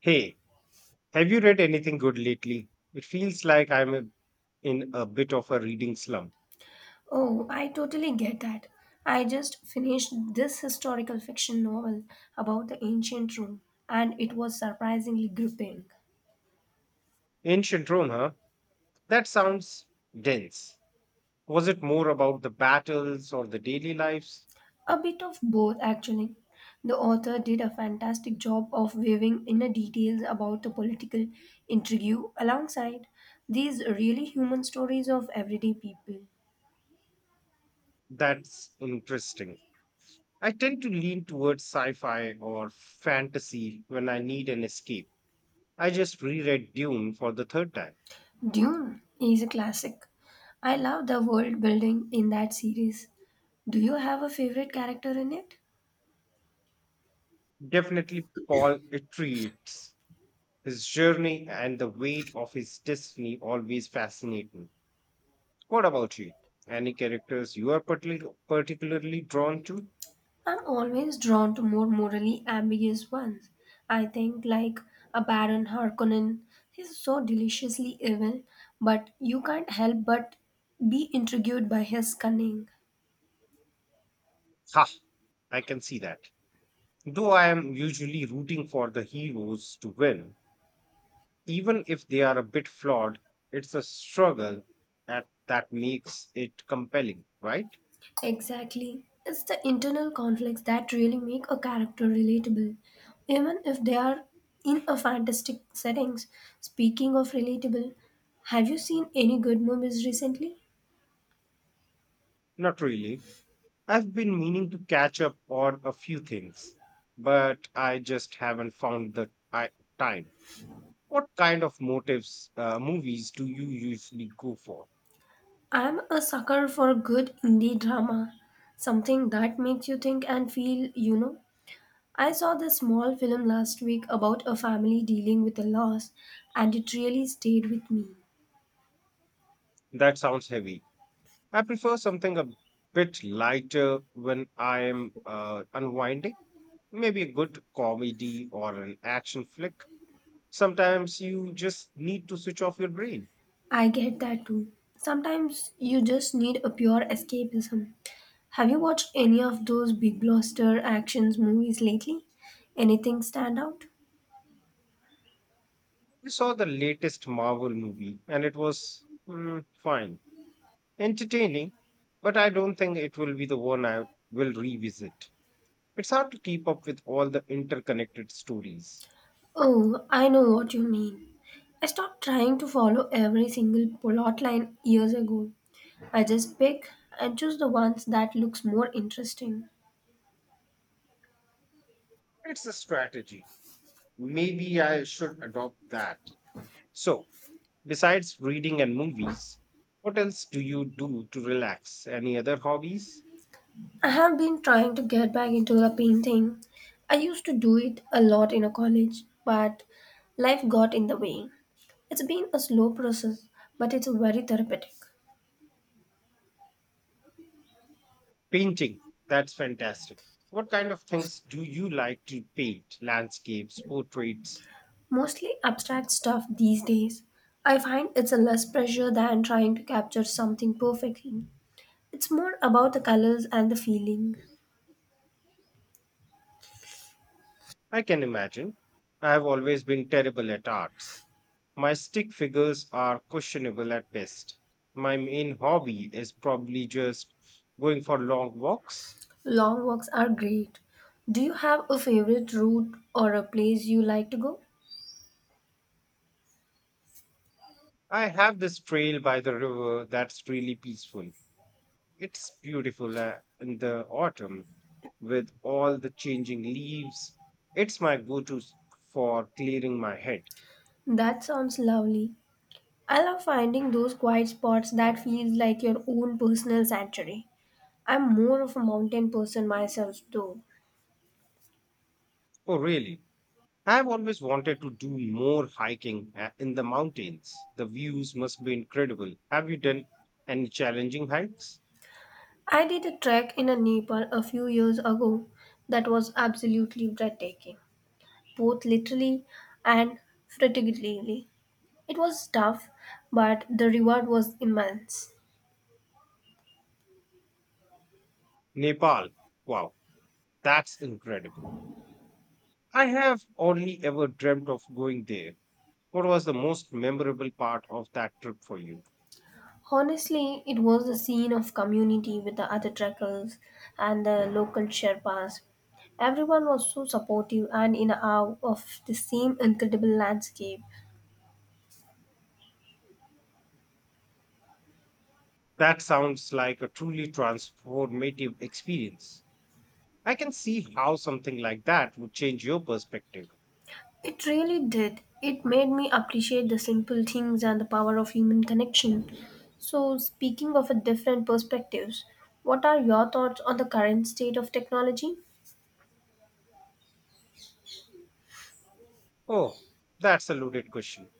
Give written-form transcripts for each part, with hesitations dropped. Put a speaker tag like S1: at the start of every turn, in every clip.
S1: Hey, have you read anything good lately? It feels like in a bit of a reading slump.
S2: Oh, I totally get that. I just finished this historical fiction novel about the ancient Rome, and it was surprisingly gripping.
S1: Ancient Rome, huh? That sounds dense. Was it more about the battles or the daily lives?
S2: A bit of both, actually. The author did a fantastic job of weaving inner details about the political intrigue alongside these really human stories of everyday people.
S1: That's interesting. I tend to lean towards sci fi or fantasy when I need an escape. I just reread Dune for the third time.
S2: Dune is a classic. I love the world building in that series. Do you have a favorite character in it?
S1: Definitely, Paul Atreides. His journey and the weight of his destiny always fascinate me. What about you? Any characters you are particularly drawn to?
S2: I'm always drawn to more morally ambiguous ones. I think, like a Baron Harkonnen, he's so deliciously evil, but you can't help but be intrigued by his cunning.
S1: Ha! I can see that. Though I am usually rooting for the heroes to win, even if they are a bit flawed, it's a struggle that makes it compelling, right?
S2: Exactly. It's the internal conflicts that really make a character relatable, even if they are in a fantastic settings. Speaking of relatable, have you seen any good movies recently?
S1: Not really. I've been meaning to catch up on a few things, but I just haven't found the ti- time. What kind of motives movies do you usually go for?
S2: I'm a sucker for good indie drama, something that makes you think and feel. I saw this small film last week about a family dealing with a loss, and it really stayed with me.
S1: That sounds heavy. I prefer something a bit lighter when I am unwinding, maybe a good comedy or an action flick. Sometimes you just need to switch off your brain.
S2: I get that too. Sometimes you just need a pure escapism. Have you watched any of those big blockbuster actions movies lately? Anything stand out?
S1: I saw the latest Marvel movie and it was fine, entertaining, but I don't think it will be the one I will revisit. It's hard to keep up with all the interconnected stories.
S2: Oh, I know what you mean. I stopped trying to follow every single plot line years ago. I just pick and choose the ones that looks more interesting.
S1: It's a strategy. Maybe I should adopt that. So, besides reading and movies, what else do you do to relax? Any other hobbies?
S2: I have been trying to get back into the painting. I used to do it a lot in a college, but life got in the way. It's been a slow process, but it's very therapeutic.
S1: Painting. That's fantastic. What kind of things do you like to paint? Landscapes, portraits?
S2: Mostly abstract stuff these days. I find it's a less pressure than trying to capture something perfectly. It's more about the colors and the feeling.
S1: I can imagine. I have always been terrible at arts. My stick figures are questionable at best. My main hobby is probably just going for long walks.
S2: Long walks are great. Do you have a favorite route or a place you like to go?
S1: I have this trail by the river that's really peaceful. It's beautiful in the autumn with all the changing leaves. It's my go to for clearing my head.
S2: That sounds lovely. I love finding those quiet spots that feels like your own personal sanctuary. I'm more of a mountain person myself though.
S1: Oh, really? I've always wanted to do more hiking in the mountains. The views must be incredible. Have you done any challenging hikes?
S2: I did a trek in Nepal a few years ago that was absolutely breathtaking, both literally and figuratively. It was tough, but the reward was immense.
S1: Nepal. Wow, that's incredible. I have only ever dreamt of going there. What was the most memorable part of that trip for you?
S2: Honestly, it was a scene of community with the other trekkers and the local Sherpas. Everyone was so supportive and in awe of the same incredible landscape.
S1: That sounds like a truly transformative experience. I can see how something like that would change your perspective.
S2: It really did. It made me appreciate the simple things and the power of human connection. So, speaking of a different perspectives, what are your thoughts on the current state of technology?
S1: Oh, that's a loaded question.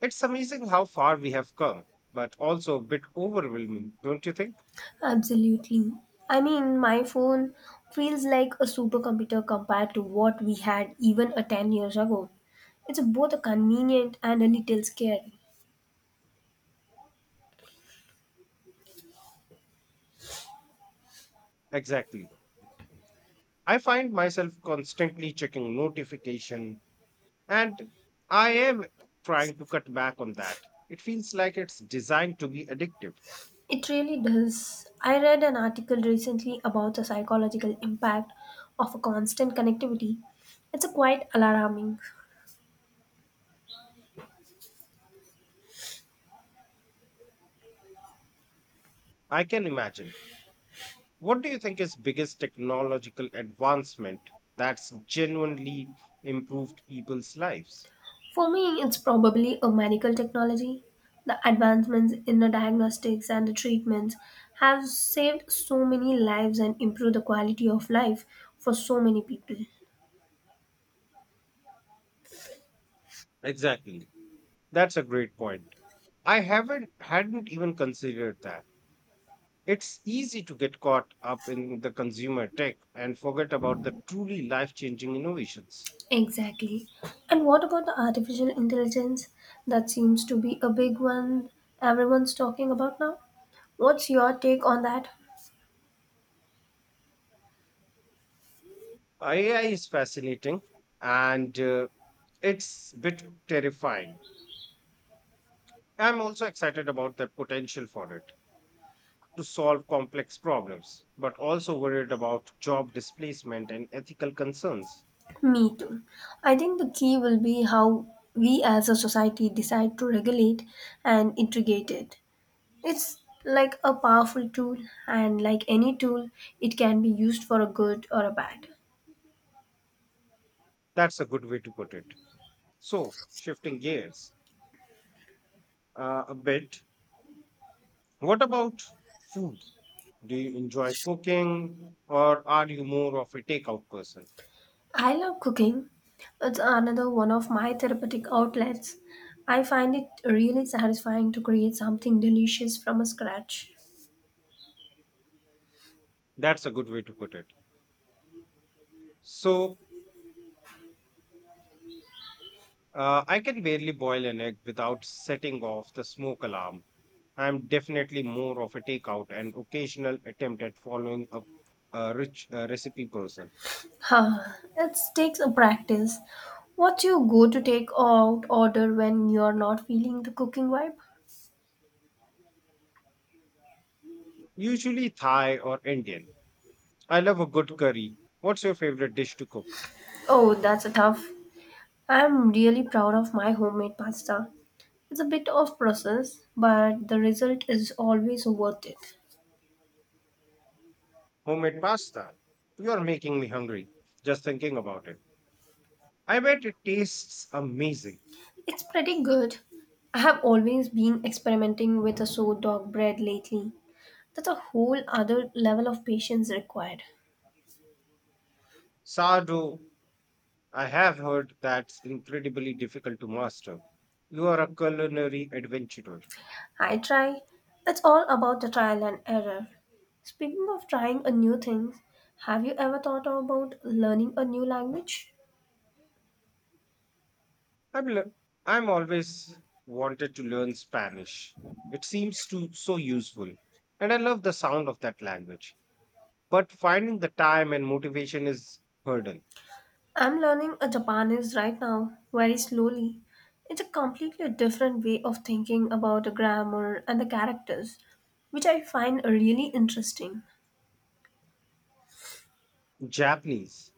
S1: It's amazing how far we have come, but also a bit overwhelming, don't you think?
S2: Absolutely. I mean, my phone feels like a supercomputer compared to what we had even a 10 years ago. It's both a convenient and a little scary.
S1: Exactly. I find myself constantly checking notification and I am trying to cut back on that. It feels like it's designed to be addictive.
S2: It really does. I read an article recently about the psychological impact of a constant connectivity. It's a quite alarming.
S1: I can imagine. What do you think is biggest technological advancement that's genuinely improved people's lives?
S2: For me, it's probably a medical technology. The advancements in the diagnostics and the treatments have saved so many lives and improved the quality of life for so many people.
S1: Exactly. That's a great point. I haven't hadn't even considered that. It's easy to get caught up in the consumer tech and forget about the truly life changing innovations.
S2: Exactly. And what about the artificial intelligence? That seems to be a big one everyone's talking about now. What's your take on that?
S1: AI is fascinating and it's a bit terrifying. I'm also excited about the potential for it to solve complex problems, but also worried about job displacement and ethical concerns.
S2: Me too. I think the key will be how we as a society decide to regulate and integrate it. It's like a powerful tool, and like any tool, it can be used for a good or a bad.
S1: That's a good way to put it. So, shifting gears a bit, what about food? Do you enjoy cooking or are you more of a takeout person?
S2: I love cooking. It's another one of my therapeutic outlets. I find it really satisfying to create something delicious from scratch.
S1: That's a good way to put it. So, I can barely boil an egg without setting off the smoke alarm. I'm definitely more of a takeout and occasional attempt at following up a rich recipe person,
S2: Huh, it takes a practice. What's your go to take out order when you're not feeling the cooking vibe?
S1: usually Thai or Indian. I love a good curry. What's your favorite dish to cook?
S2: Oh, that's a tough. I'm really proud of my homemade pasta. It's a bit of process, but the result is always worth it.
S1: Homemade pasta? You're making me hungry just thinking about it. I bet it tastes amazing.
S2: It's pretty good. I have always been experimenting with a sourdough bread lately. That's a whole other level of patience required.
S1: Sourdough, I have heard that's incredibly difficult to master. You are a culinary adventurer.
S2: I try. It's all about the trial and error. Speaking of trying a new thing, have you ever thought about learning a new language?
S1: I'm, le- I'm always wanted to learn Spanish. It seems to so useful, and I love the sound of that language. But finding the time and motivation is hurdle.
S2: I'm learning a Japanese right now, very slowly. It's a completely different way of thinking about the grammar and the characters, which I find really interesting.
S1: Japanese,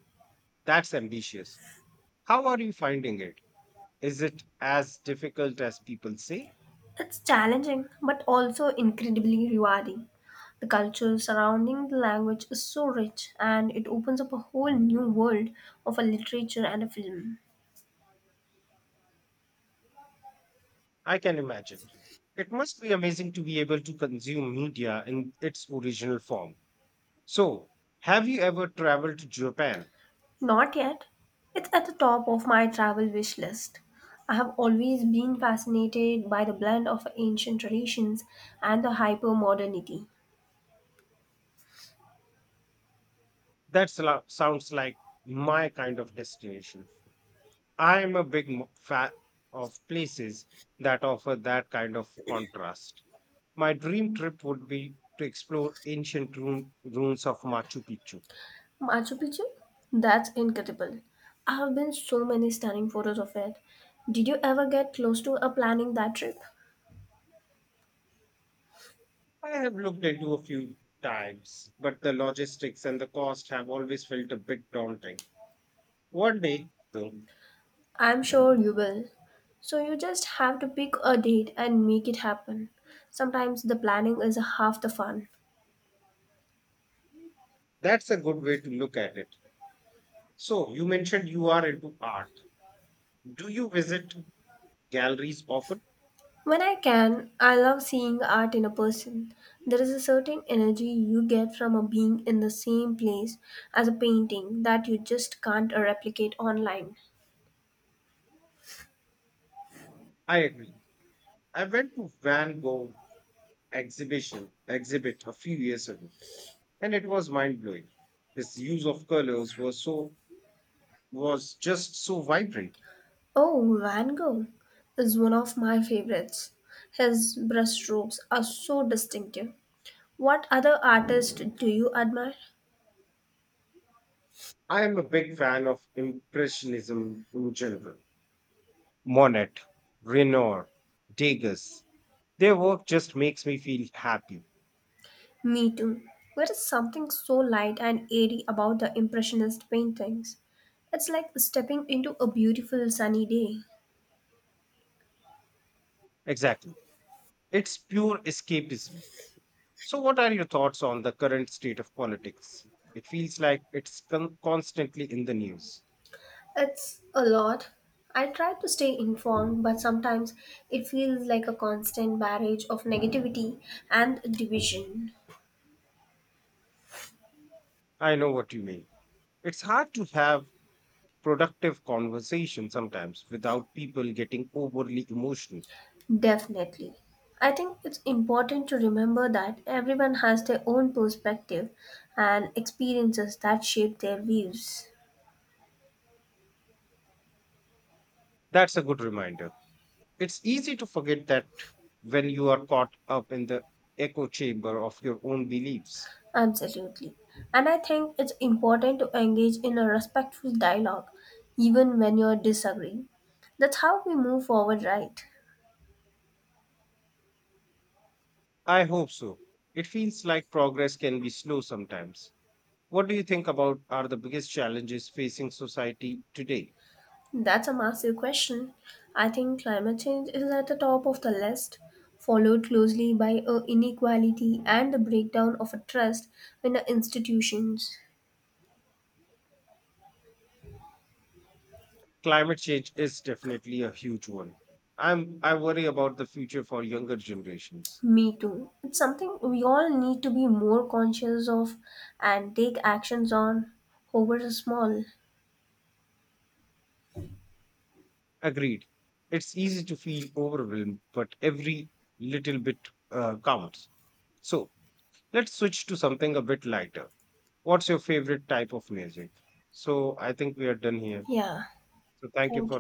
S1: that's ambitious. How are you finding it? Is it as difficult as people say?
S2: It's challenging but also incredibly rewarding. The culture surrounding the language is so rich and it opens up a whole new world of a literature and a film.
S1: I can imagine. It must be amazing to be able to consume media in its original form. So, have you ever traveled to Japan?
S2: Not yet. It's at the top of my travel wish list. I have always been fascinated by the blend of ancient traditions and the hypermodernity.
S1: That sounds like my kind of destination. I am a fan of places that offer that kind of contrast. My dream trip would be to explore ruins of Machu Picchu.
S2: Machu Picchu? That's incredible. I have been so many stunning photos of it. Did you ever get close to planning that trip?
S1: I have looked into a few times, but the logistics and the cost have always felt a bit daunting. One day, though,
S2: I'm sure you will. So you just have to pick a date and make it happen. Sometimes the planning is half the fun.
S1: that's a good way to look at it. So, you mentioned you are into art. Do you visit galleries often?
S2: When I can, I love seeing art in a person. There is a certain energy you get from a being in the same place as a painting that you just can't replicate online.
S1: I agree. I went to Van Gogh exhibit a few years ago, and it was mind blowing. His use of colors was just so vibrant.
S2: Oh, Van Gogh is one of my favorites. His brushstrokes are so distinctive. What other artist do you admire?
S1: I am a big fan of Impressionism in general. Monet, Renoir, Degas. Their work just makes me feel happy.
S2: Me too. There is something so light and airy about the Impressionist paintings. It's like stepping into a beautiful sunny day.
S1: Exactly. It's pure escapism. So, what are your thoughts on the current state of politics? It feels like it's constantly in the news.
S2: It's a lot. I try to stay informed, but sometimes it feels like a constant barrage of negativity and division.
S1: I know what you mean. It's hard to have productive conversation sometimes without people getting overly emotional.
S2: Definitely. I think it's important to remember that everyone has their own perspective and experiences that shape their views.
S1: That's a good reminder. It's easy to forget that when you are caught up in the echo chamber of your own beliefs.
S2: Absolutely. And I think it's important to engage in a respectful dialogue even when you're disagreeing. That's how we move forward, right?
S1: I hope so. It feels like progress can be slow sometimes. What do you think about are the biggest challenges facing society today?
S2: That's a massive question. I think climate change is at the top of the list, followed closely by inequality and the breakdown of a trust in the institutions.
S1: Climate change is definitely a huge one. I worry about the future for younger generations.
S2: Me too. It's something we all need to be more conscious of and take actions on, however small.
S1: Agreed. It's easy to feel overwhelmed, but every little bit counts. So, let's switch to something a bit lighter. What's your favorite type of music? So I think we are done here.
S2: Yeah,
S1: So thank
S2: thank
S1: you
S2: you.
S1: for